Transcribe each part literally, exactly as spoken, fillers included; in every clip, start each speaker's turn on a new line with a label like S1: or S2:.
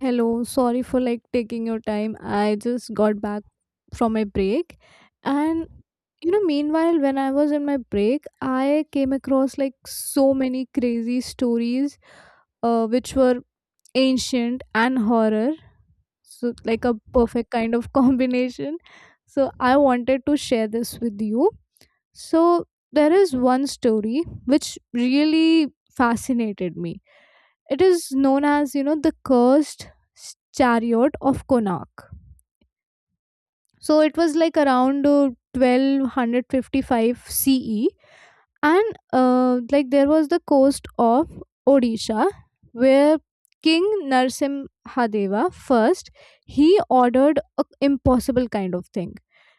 S1: Hello, sorry for like taking your time. I just got back from my break. And you know, meanwhile, when I was in my break, I came across like so many crazy stories uh, which were ancient and horror. So, like a perfect kind of combination. So, I wanted to share this with you. So, there is one story which really fascinated me. It is known as, you know, the cursed chariot of Konark. So it was like around uh, twelve fifty-five C E, and uh, like there was the coast of Odisha where King Narsimhadeva first, he ordered a impossible kind of thing.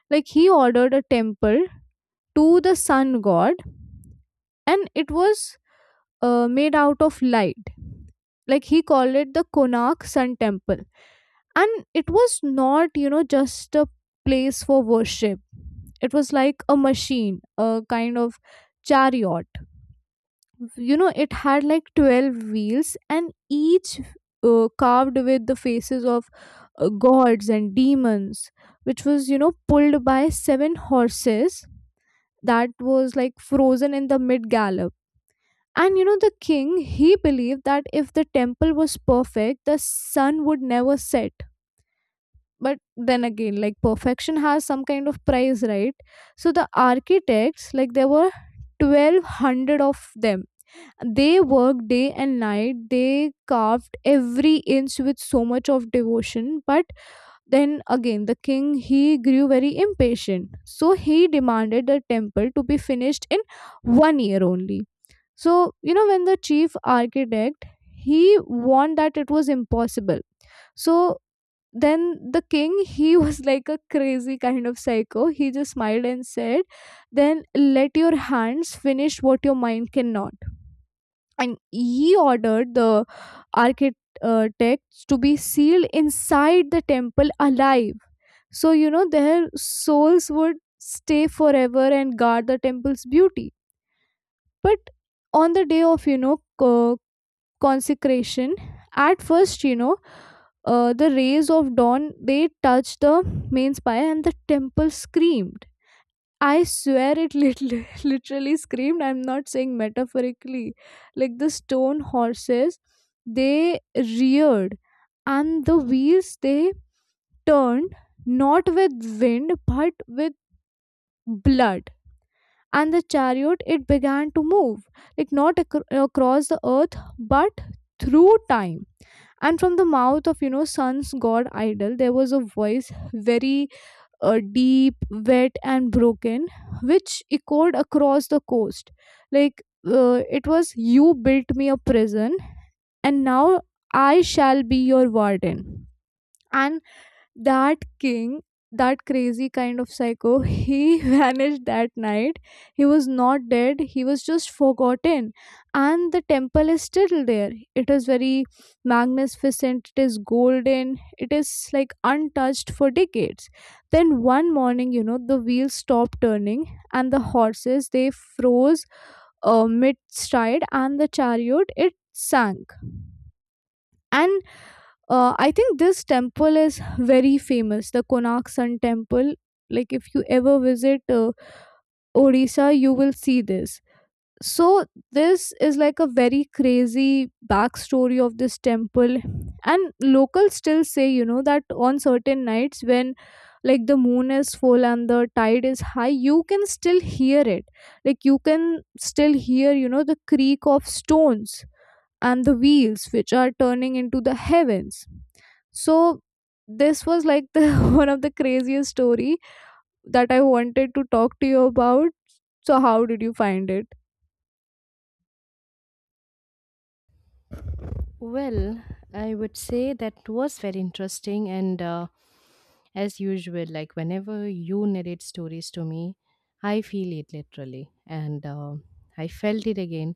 S1: Like he ordered a temple to the sun god, and it was uh, made out of light. Like he called it the Konark Sun Temple, and it was not you know just a place for worship. It was like a machine, a kind of chariot. you know it had like twelve wheels, and each uh, carved with the faces of uh, gods and demons, which was you know pulled by seven horses that was like frozen in the mid gallop. And you know the king, he believed that if the temple was perfect, the sun would never set. But then again, like, perfection has some kind of price, right? So the architects, like there were twelve hundred of them, they worked day and night. They carved every inch with so much of devotion, but then again the king, he grew very impatient, so he demanded the temple to be finished in one year only. So you know when the chief architect, he warned that it was impossible, so then the king he was like a crazy kind of psycho, he just smiled and said, then let your hands finish what your mind cannot. And he ordered the architects to be sealed inside the temple alive, so you know their souls would stay forever and guard the temple's beauty. But on the day of you know uh consecration, at first, you know uh, the rays of dawn, they touched the main spire, and the temple screamed. I swear it literally, literally screamed. I'm not saying metaphorically. Like the stone horses, they reared, and the wheels, they turned, not with wind but with blood. And the chariot, it began to move, like not acro- across the earth, but through time. And from the mouth of you know sun's god idol, there was a voice, very uh, deep, wet, and broken, which echoed across the coast, like, uh, it was, you built me a prison, and now I shall be your warden. And that king, that crazy kind of psycho, he vanished that night. He was not dead, he was just forgotten. And the temple is still there. It is very magnificent, it is golden, it is like untouched for decades. Then one morning, you know the wheels stopped turning, and the horses, they froze uh, mid stride, and the chariot, it sank. And uh, I think this temple is very famous, the Konark Sun Temple. Like if you ever visit uh, Odisha, you will see this. So this is like a very crazy backstory of this temple, and locals still say you know that on certain nights, when like the moon is full and the tide is high, you can still hear it. Like you can still hear you know the creak of stones and the wheels which are turning into the heavens. So this was like the one of the craziest story that I wanted to talk to you about. So how did you find it?
S2: Well, I would say that was very interesting, and uh, as usual, like whenever you narrate stories to me, I feel it literally, and uh, I felt it again.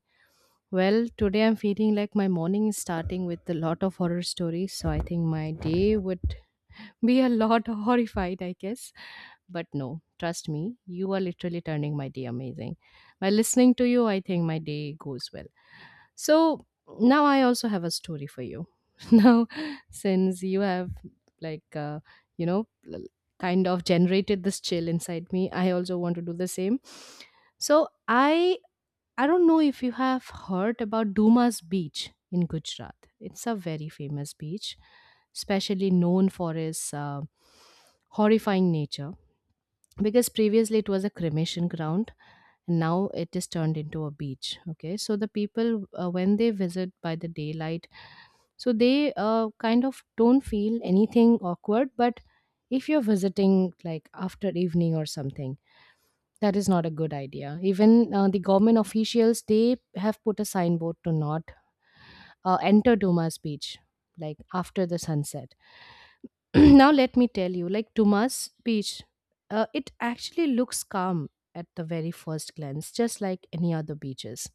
S2: Well, today I'm feeling like my morning is starting with a lot of horror stories, so I think my day would be a lot horrified, I guess. But no, trust me, you are literally turning my day amazing. By listening to you, I think my day goes well. So now I also have a story for you. Now, since you have, like, uh, you know, l- kind of generated this chill inside me, I also want to do the same. So I I don't know if you have heard about Dumas Beach in Gujarat. It's a very famous beach, especially known for its uh, horrifying nature, because previously it was a cremation ground and now it is turned into a beach. Okay, so the people, uh, when they visit by the daylight, so they uh, kind of don't feel anything awkward. But if you're visiting like after evening or something, that is not a good idea. Even uh, the government officials, they have put a signboard to not uh, enter Dumas Beach like after the sunset. Now let me tell you, like, Dumas Beach, uh, it actually looks calm at the very first glance, just like any other beaches.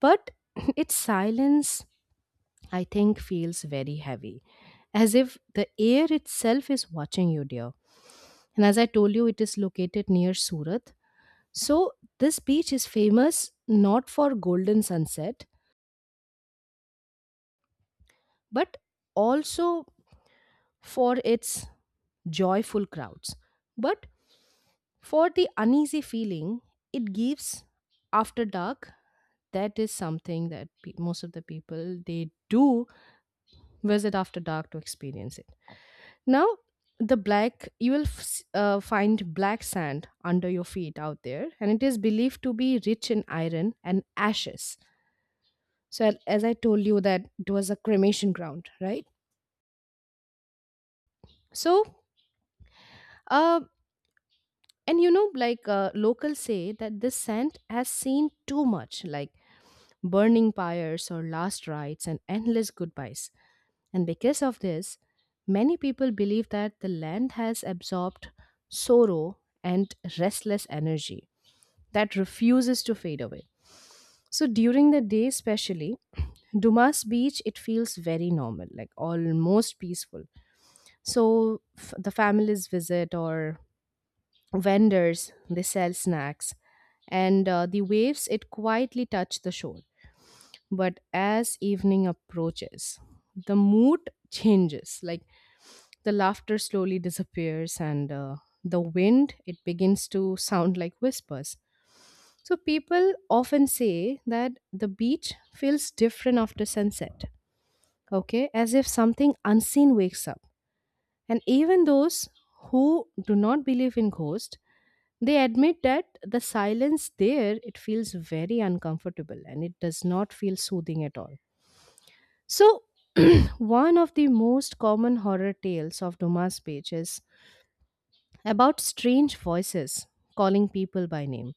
S2: But its silence, I think, feels very heavy, as if the air itself is watching you, dear. And as I told you, it is located near Surat. So this beach is famous not for golden sunset, but also for its joyful crowds, but for the uneasy feeling it gives after dark. That is something that pe- most of the people, they do visit after dark to experience it. Now, the black, you will f- s- uh, find black sand under your feet out there, and it is believed to be rich in iron and ashes. So, a- as I told you, that it was a cremation ground, right? So, uh, and you know, like, uh, locals say that this sand has seen too much, like burning pyres or last rites and endless goodbyes. And because of this, many people believe that the land has absorbed sorrow and restless energy that refuses to fade away. So during the day, especially, Dumas Beach, it feels very normal, like almost peaceful. So f- the families visit, or vendors, they sell snacks, and uh, the waves, it quietly touch the shore. But as evening approaches, the mood changes. Like, the laughter slowly disappears, and uh, the wind, it begins to sound like whispers. So people often say that the beach feels different after sunset, okay, as if something unseen wakes up. And even those who do not believe in ghosts, they admit that the silence there, it feels very uncomfortable, and it does not feel soothing at all. So, one of the most common horror tales of Dumas Beach is about strange voices calling people by name.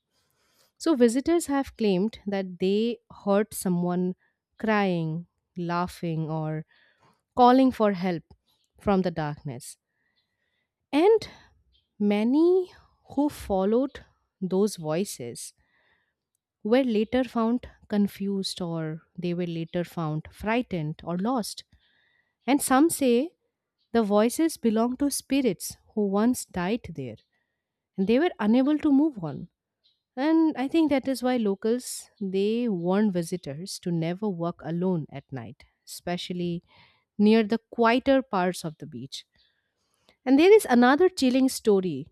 S2: So, visitors have claimed that they heard someone crying, laughing, or calling for help from the darkness. And many who followed those voices were later found confused, or they were later found frightened or lost. And some say the voices belong to spirits who once died there and they were unable to move on. And I think that is why locals, they warn visitors to never walk alone at night, especially near the quieter parts of the beach. And there is another chilling story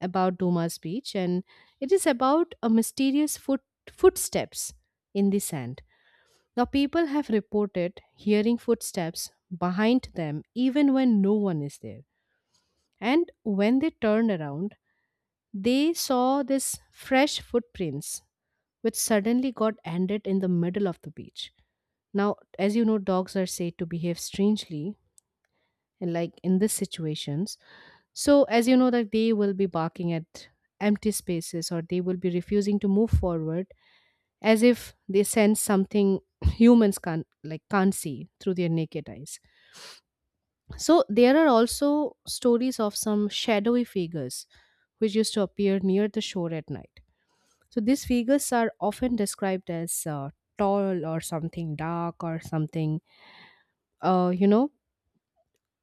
S2: about Dumas Beach, and it is about a mysterious foot footsteps in the sand. Now, people have reported hearing footsteps behind them even when no one is there. And when they turned around, they saw this fresh footprints which suddenly got ended in the middle of the beach. Now, as you know, dogs are said to behave strangely and like in these situations. So, as you know that they will be barking at empty spaces, or they will be refusing to move forward, as if they sense something humans can't, like can't see through their naked eyes. So there are also stories of some shadowy figures which used to appear near the shore at night. So these figures are often described as uh, tall or something, dark or something, uh, you know,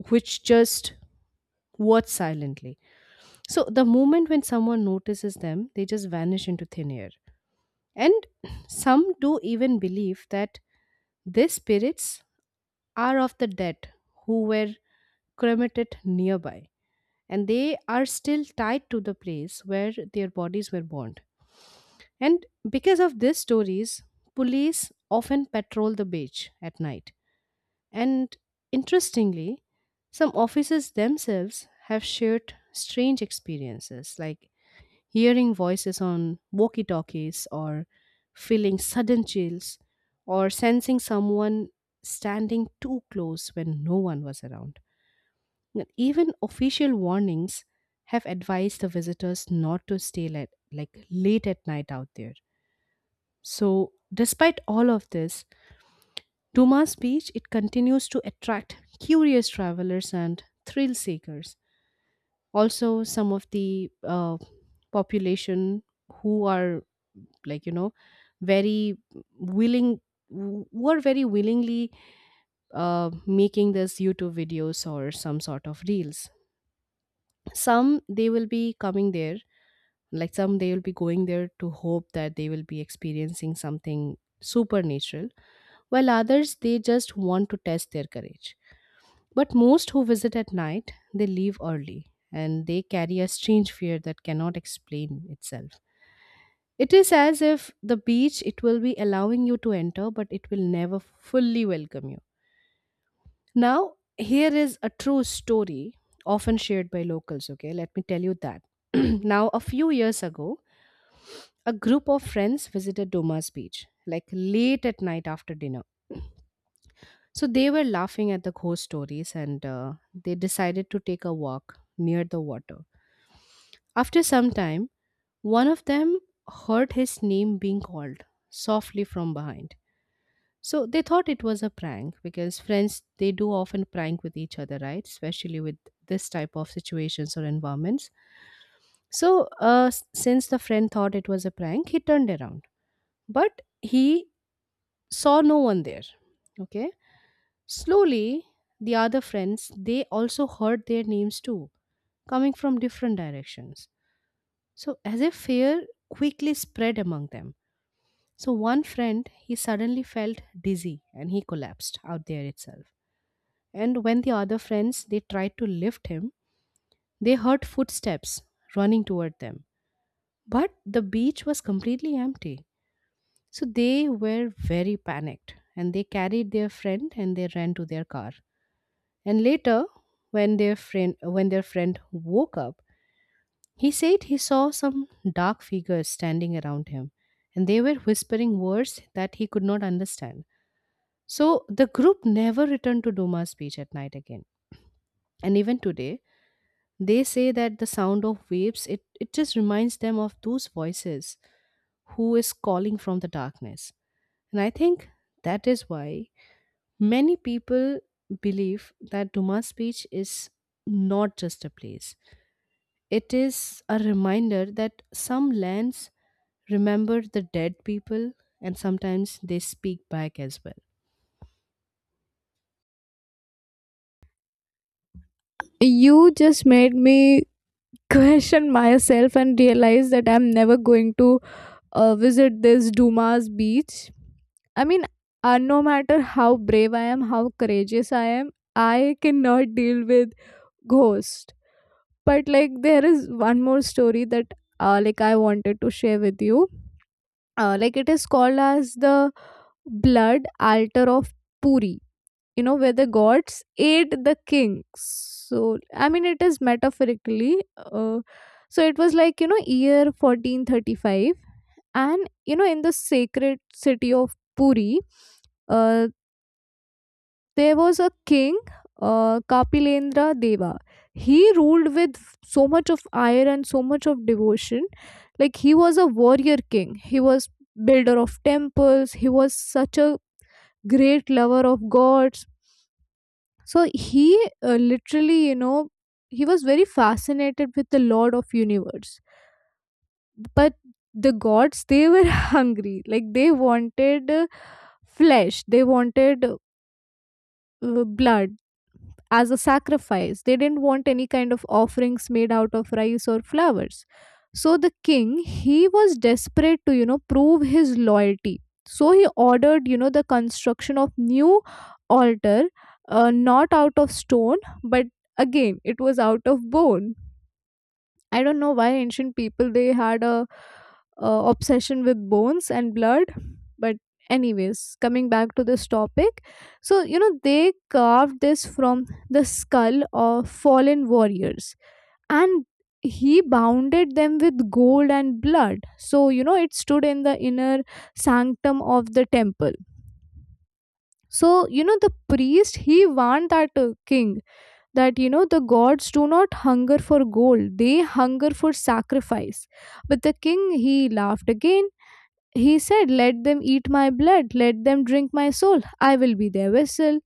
S2: which just watch silently. So the moment when someone notices them, they just vanish into thin air. And some do even believe that these spirits are of the dead who were cremated nearby, and they are still tied to the place where their bodies were burned. And because of these stories, police often patrol the beach at night. And interestingly, some officers themselves have shared strange experiences like hearing voices on walkie talkies, or feeling sudden chills, or sensing someone standing too close when no one was around. Now, even official warnings have advised the visitors not to stay late, like late at night out there. So, despite all of this, Dumas Beach, it continues to attract curious travelers and thrill seekers. Also, some of the uh, population who are, like, you know, very willing, who are very willingly uh, making this YouTube videos or some sort of reels. Some, they will be coming there, like, some, they will be going there to hope that they will be experiencing something supernatural, while others, they just want to test their courage. But most who visit at night, they leave early, and they carry a strange fear that cannot explain itself. It is as if the beach, it will be allowing you to enter, but it will never fully welcome you. Now, here is a true story often shared by locals, okay? Let me tell you that. Now, a few years ago, a group of friends visited Doma's Beach, like late at night after dinner. So they were laughing at the ghost stories, and uh, they decided to take a walk near the water. After some time, one of them heard his name being called softly from behind. So they thought it was a prank, because friends, they do often prank with each other, right? Especially with this type of situations or environments. So uh, s- since the friend thought it was a prank, he turned around, but he saw no one there. Okay, slowly the other friends, they also heard their names too, coming from different directions. So as if fear quickly spread among them. So one friend, he suddenly felt dizzy, and he collapsed out there itself. And when the other friends, they tried to lift him, they heard footsteps running toward them, but the beach was completely empty. So they were very panicked, and they carried their friend, and they ran to their car. And later, when their friend when their friend woke up, he said he saw some dark figures standing around him, and they were whispering words that he could not understand. So the group never returned to Duma's Beach at night again. And even today, they say that the sound of waves, it, it just reminds them of those voices who is calling from the darkness. And I think that is why many people believe that Dumas Beach is not just a place. It is a reminder that some lands remember the dead people, and sometimes they speak back as well.
S1: You just made me question myself and realize that I'm never going to uh, visit this Dumas Beach. I mean, uh, no matter how brave I am, how courageous I am, I cannot deal with ghost. But like there is one more story that uh, like I wanted to share with you. uh, like it is called as the blood altar of Puri, you know, where the gods ate the king. So, I mean, it is metaphorically. Uh, so, it was like, you know, year fourteen thirty-five. And, you know, in the sacred city of Puri, uh, there was a king, uh, Kapilendra Deva. He ruled with so much of ire and so much of devotion. Like, he was a warrior king. He was builder of temples. He was such a great lover of gods. So he uh, literally, you know, he was very fascinated with the Lord of Universe. But the gods, they were hungry. Like they wanted uh, flesh. They wanted uh, blood as a sacrifice. They didn't want any kind of offerings made out of rice or flowers. So the king, he was desperate to, you know, prove his loyalty. So he ordered, you know, the construction of new altar, uh, not out of stone, but again, it was out of bone. I don't know why ancient people, they had a, uh obsession with bones and blood, but anyways, coming back to this topic. So you know they carved this from the skull of fallen warriors, and he bounded them with gold and blood. So you know it stood in the inner sanctum of the temple. So you know the priest, he warned that uh, king that you know the gods do not hunger for gold, they hunger for sacrifice. But the king, he laughed again, he said, let them eat my blood, let them drink my soul, I will be their vessel.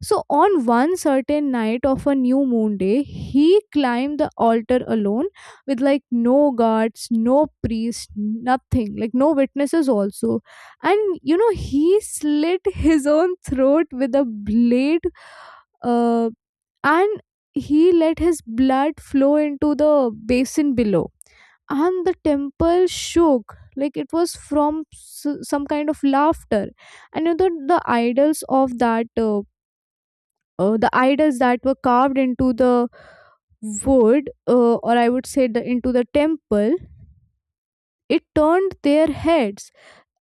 S1: So, on one certain night of a new moon day, he climbed the altar alone, with like no guards, no priest, nothing, like no witnesses also. And you know, he slit his own throat with a blade, uh, and he let his blood flow into the basin below. And the temple shook like it was from s- some kind of laughter. And you know, the the idols of that. Uh, uh, the idols that were carved into the wood, uh, or I would say the into the temple, it turned their heads.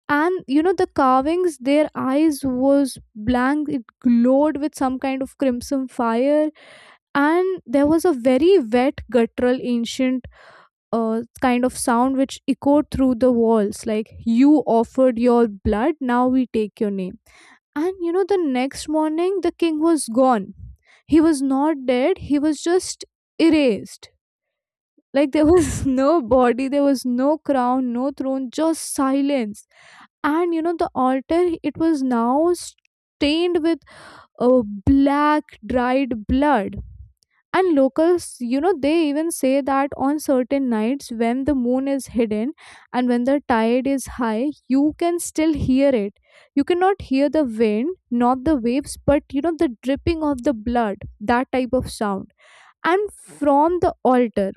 S1: And you know the carvings, their eyes was blank, it glowed with some kind of crimson fire. And there was a very wet, guttural, ancient uh, kind of sound which echoed through the walls, like, you offered your blood, now we take your name. And you know, the next morning, the king was gone. He was not dead, he was just erased. Like there was no body, there was no crown, no throne, just silence. And you know, the altar, it was now stained with uh, black, dried blood. And locals, you know they even say that on certain nights, when the moon is hidden and when the tide is high, you can still hear it. You cannot hear the wind, not the waves, but you know the dripping of the blood, that type of sound, and from the altar.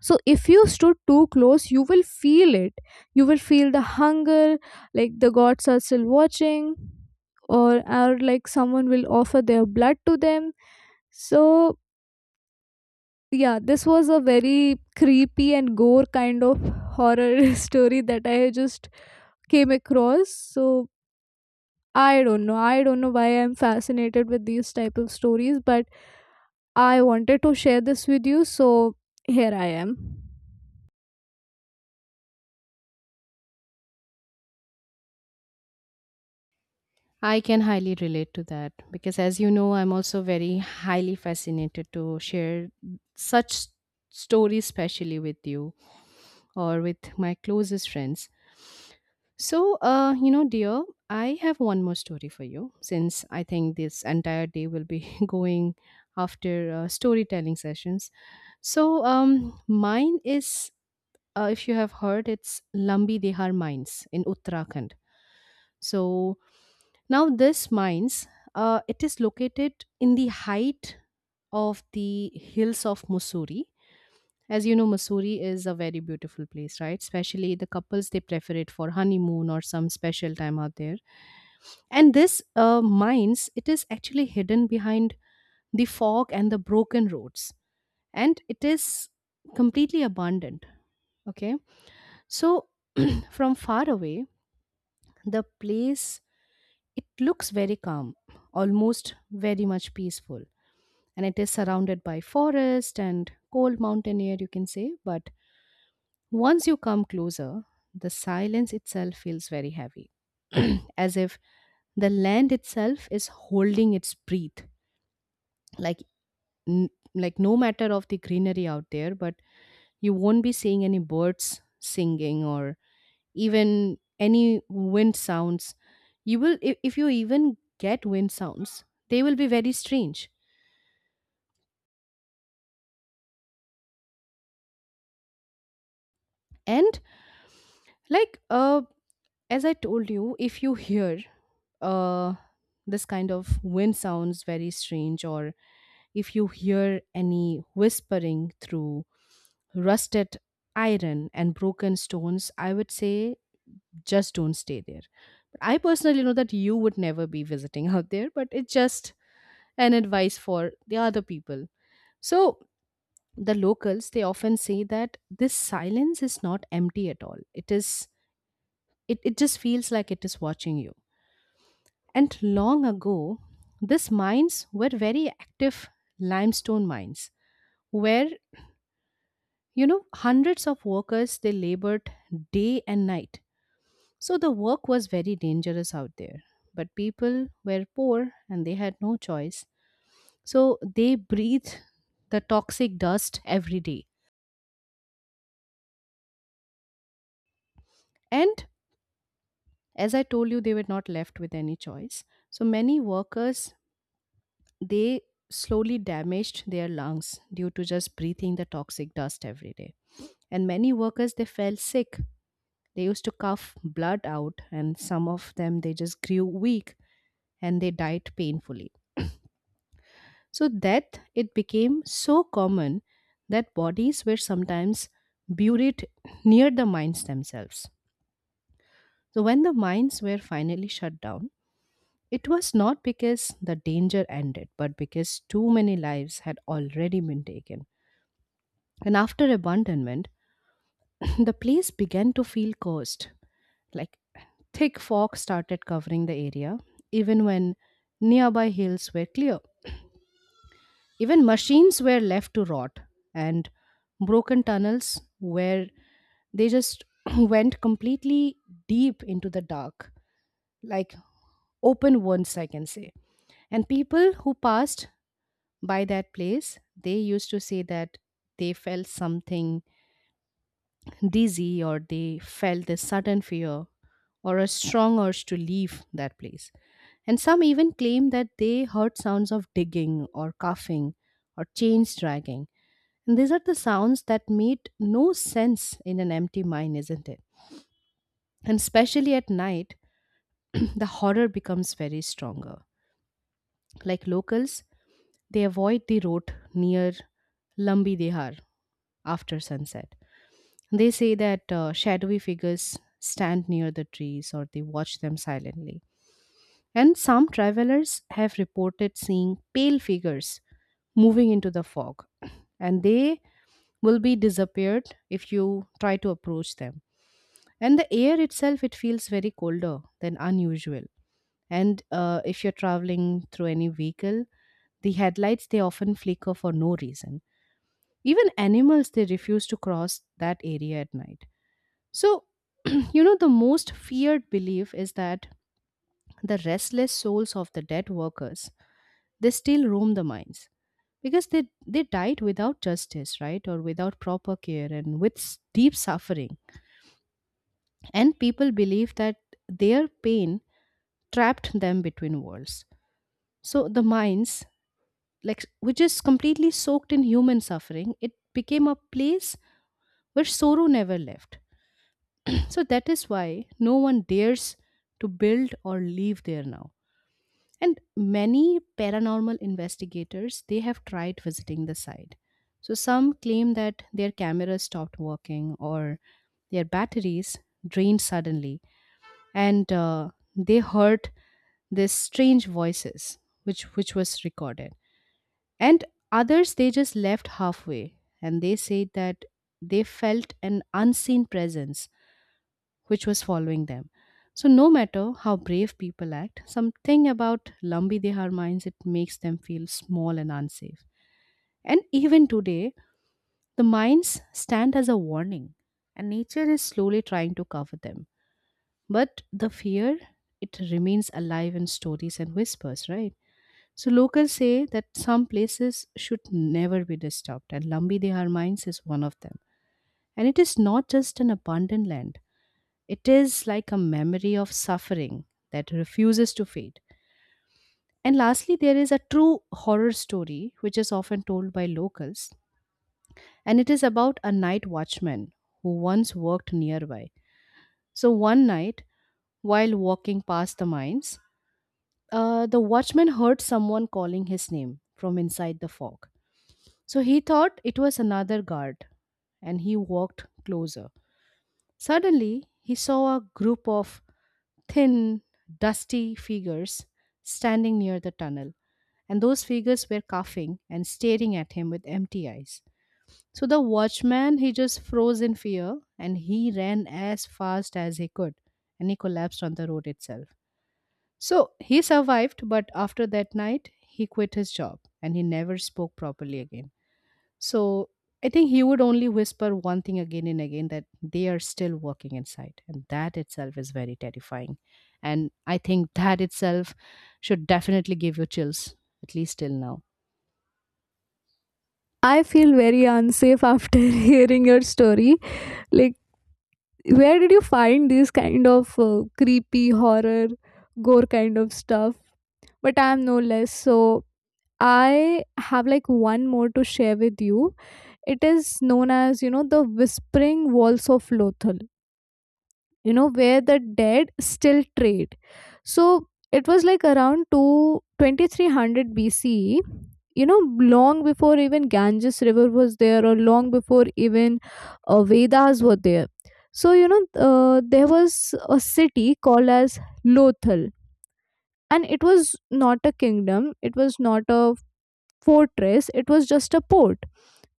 S1: So if you stood too close, you will feel it, you will feel the hunger, like the gods are still watching, or or like someone will offer their blood to them. So yeah, this was a very creepy and gore kind of horror story that I just came across. So I don't know. I don't know why I'm fascinated with these type of stories, but I wanted to share this with you, so here I am.
S2: I can highly relate to that, because, as you know, I'm also very highly fascinated to share such s- stories, especially with you or with my closest friends. So, uh, you know, dear, I have one more story for you, since I think this entire day will be going after uh, storytelling sessions. So, um, mine is, uh, if you have heard, it's Lambi Dehar Mines in Uttarakhand. So now this mines, uh, it is located in the height of the hills of Missouri. As you know, Missouri is a very beautiful place, right? Especially the couples, they prefer it for honeymoon or some special time out there. And this uh, mines, it is actually hidden behind the fog and the broken roads, and it is completely abandoned. Okay, so from far away, the place, it looks very calm, almost very much peaceful, and it is surrounded by forest and cold mountain air, you can say. But once you come closer, the silence itself feels very heavy, as if the land itself is holding its breath. Like, n- like no matter of the greenery out there, but you won't be seeing any birds singing or even any wind sounds you will if, if you even get wind sounds they will be very strange and like uh as I told you if you hear uh this kind of wind sounds very strange or if you hear any whispering through rusted iron and broken stones I would say just don't stay there. I personally know that you would never be visiting out there but it's just an advice for the other people. So the locals they often say that this silence is not empty at all. It is it, it just feels like it is watching you. And long ago, these mines were very active limestone mines where you know hundreds of workers they labored day and night. So the work was very dangerous out there. But people were poor and they had no choice. So they breathed the toxic dust every day. And as I told you, they were not left with any choice. So many workers, they slowly damaged their lungs due to just breathing the toxic dust every day. And many workers, they fell sick. They used to cough blood out, and some of them, they just grew weak and they died painfully. So death, it became so common that bodies were sometimes buried near the mines themselves. So when the mines were finally shut down, it was not because the danger ended, but because too many lives had already been taken. And after abandonment, the place began to feel cursed. Like thick fog started covering the area, even when nearby hills were clear. Even machines were left to rot, and broken tunnels where they just went completely deep into the dark, like open wounds, I can say. And people who passed by that place, they used to say that they felt something dizzy or they felt a sudden fear or a strong urge to leave that place. And some even claim that they heard sounds of digging or coughing or chains dragging. And these are the sounds that made no sense in an empty mind, isn't it? And especially at night, the horror becomes very stronger. Like locals, they avoid the road near Lambi Dehar after sunset. They say that uh, shadowy figures stand near the trees or they watch them silently. And some travelers have reported seeing pale figures moving into the fog, and they will be disappeared if you try to approach them. And the air itself, it feels very colder than unusual. And uh, if you're traveling through any vehicle, the headlights they often flicker for no reason. Even animals they refuse to cross that area at night. So, you know, the most feared belief is that the restless souls of the dead workers, they still roam the mines because they, they died without justice, right? Or without proper care and with s- deep suffering. And people believe that their pain trapped them between worlds. So the mines, like which is completely soaked in human suffering, it became a place where sorrow never left. So that is why no one dares to build or live there now, and many paranormal investigators they have tried visiting the site. So some claim that their cameras stopped working or their batteries drained suddenly, and uh, they heard these strange voices which which was recorded, and others they just left halfway and they said that they felt an unseen presence which was following them. So, no matter how brave people act, something about Lambi Dehar mines it makes them feel small and unsafe. And even today, the mines stand as a warning, and nature is slowly trying to cover them. But the fear, it remains alive in stories and whispers, right? So locals say that some places should never be disturbed, and Lambi Dehar mines is one of them. And it is not just an abandoned land; it is like a memory of suffering that refuses to fade. And lastly, there is a true horror story which is often told by locals, and it is about a night watchman who once worked nearby. So, one night, while walking past the mines, uh, the watchman heard someone calling his name from inside the fog. So, he thought it was another guard, and he walked closer. Suddenly, he saw a group of thin, dusty figures standing near the tunnel, and those figures were coughing and staring at him with empty eyes. So the watchman, he just froze in fear and he ran as fast as he could and he collapsed on the road itself. So he survived, but after that night, he quit his job and he never spoke properly again. So I think he would only whisper one thing again and again that they are still working inside. And that itself is very terrifying. And I think that itself should definitely give you chills, at least till now.
S1: I feel very unsafe after hearing your story. Like, where did you find these kind of uh, creepy horror, gore kind of stuff? But I'm no less. So I have like one more to share with you. It is known as, you know, the whispering walls of Lothal, you know, where the dead still trade. So it was like around two twenty three twenty-three hundred B C E, you know, long before even Ganges River was there, or long before even uh, Vedas were there. So, you know, uh, there was a city called as Lothal, and it was not a kingdom, it was not a fortress, it was just a port.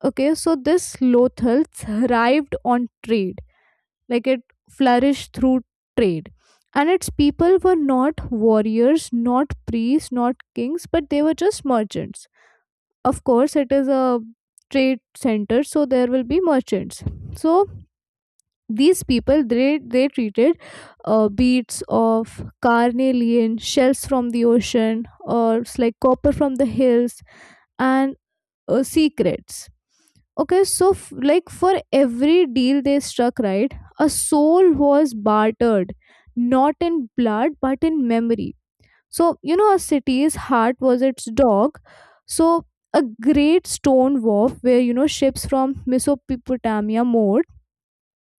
S1: Okay, so this Lothal thrived on trade, like it flourished through trade. And its people were not warriors, not priests, not kings, but they were just merchants. Of course, it is a trade center, so there will be merchants. So these people, they they treated uh, beads of carnelian shells from the ocean, or it's like copper from the hills, and uh, secrets. Okay, so f- like, for every deal they struck, right, a soul was bartered, not in blood but in memory. So, you know, a city's heart was its dog. So, a great stone wharf where, you know, ships from Mesopotamia moored,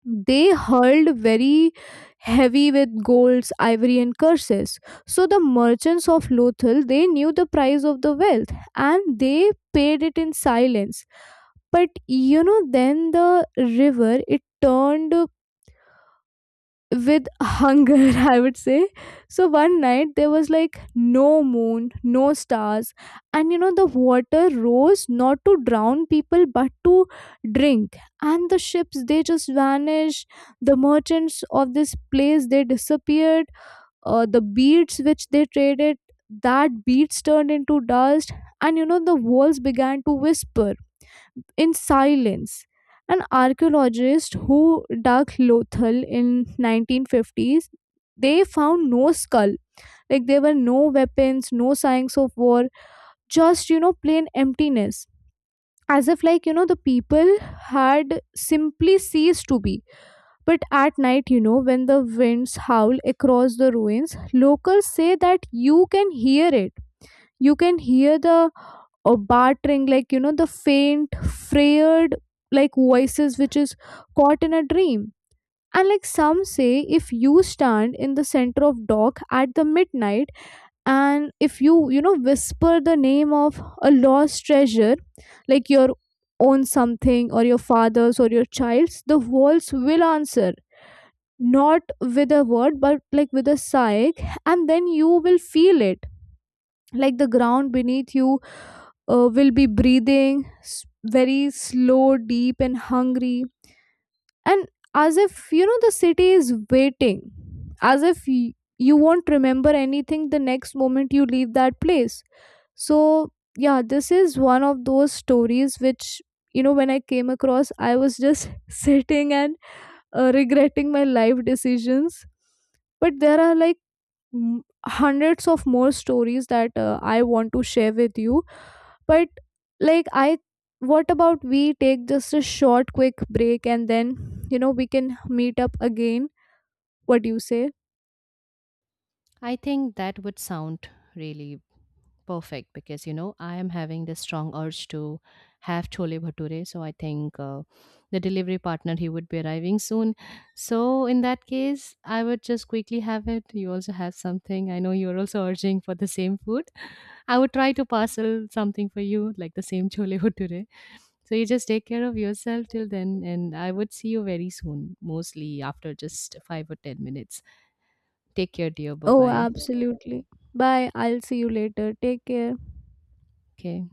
S1: they hurled very heavy with golds, ivory, and curses. So, the merchants of Lothal, they knew the price of the wealth and they paid it in silence. But you know then the river, it turned with hunger, I would say. So one night there was like no moon, no stars, and you know the water rose, not to drown people but to drink. And the ships, they just vanished, the merchants of this place, they disappeared, uh, the beads which they traded, that beads turned into dust. And you know the walls began to whisper in silence. An archaeologist who dug Lothal in nineteen fifties, they found no skull. Like there were no weapons, no signs of war, just you know plain emptiness. As if like you know the people had simply ceased to be. But at night, you know, when the winds howl across the ruins, locals say that you can hear it. You can hear the or bartering, like you know the faint, frayed, like voices which is caught in a dream. And like some say, if you stand in the center of dock at the midnight, and if you you know whisper the name of a lost treasure, like your own something, or your father's, or your child's, the walls will answer, not with a word but like with a sigh. And then you will feel it, like the ground beneath you uh, will be breathing s- very slow, deep, and hungry. And as if you know the city is waiting, as if y- you won't remember anything the next moment you leave that place. So, yeah, this is one of those stories which, you know when I came across, I was just sitting and uh, regretting my life decisions. But there are like m- hundreds of more stories that uh, I want to share with you, but like I what about we take just a short quick break, and then you know we can meet up again. What do you say?
S2: I think that would sound really perfect, because you know I am having this strong urge to have chole bhature. So I think uh, the delivery partner he would be arriving soon. So in that case, I would just quickly have it. You also have something. I know you're also urging for the same food. I would try to parcel something for you, like the same chole bhature. So you just take care of yourself till then, and I would see you very soon. Mostly after just five or ten minutes. Take care, dear. Bye
S1: Oh,
S2: bye.
S1: absolutely. Bye, I'll see you later. Take care.
S2: Okay.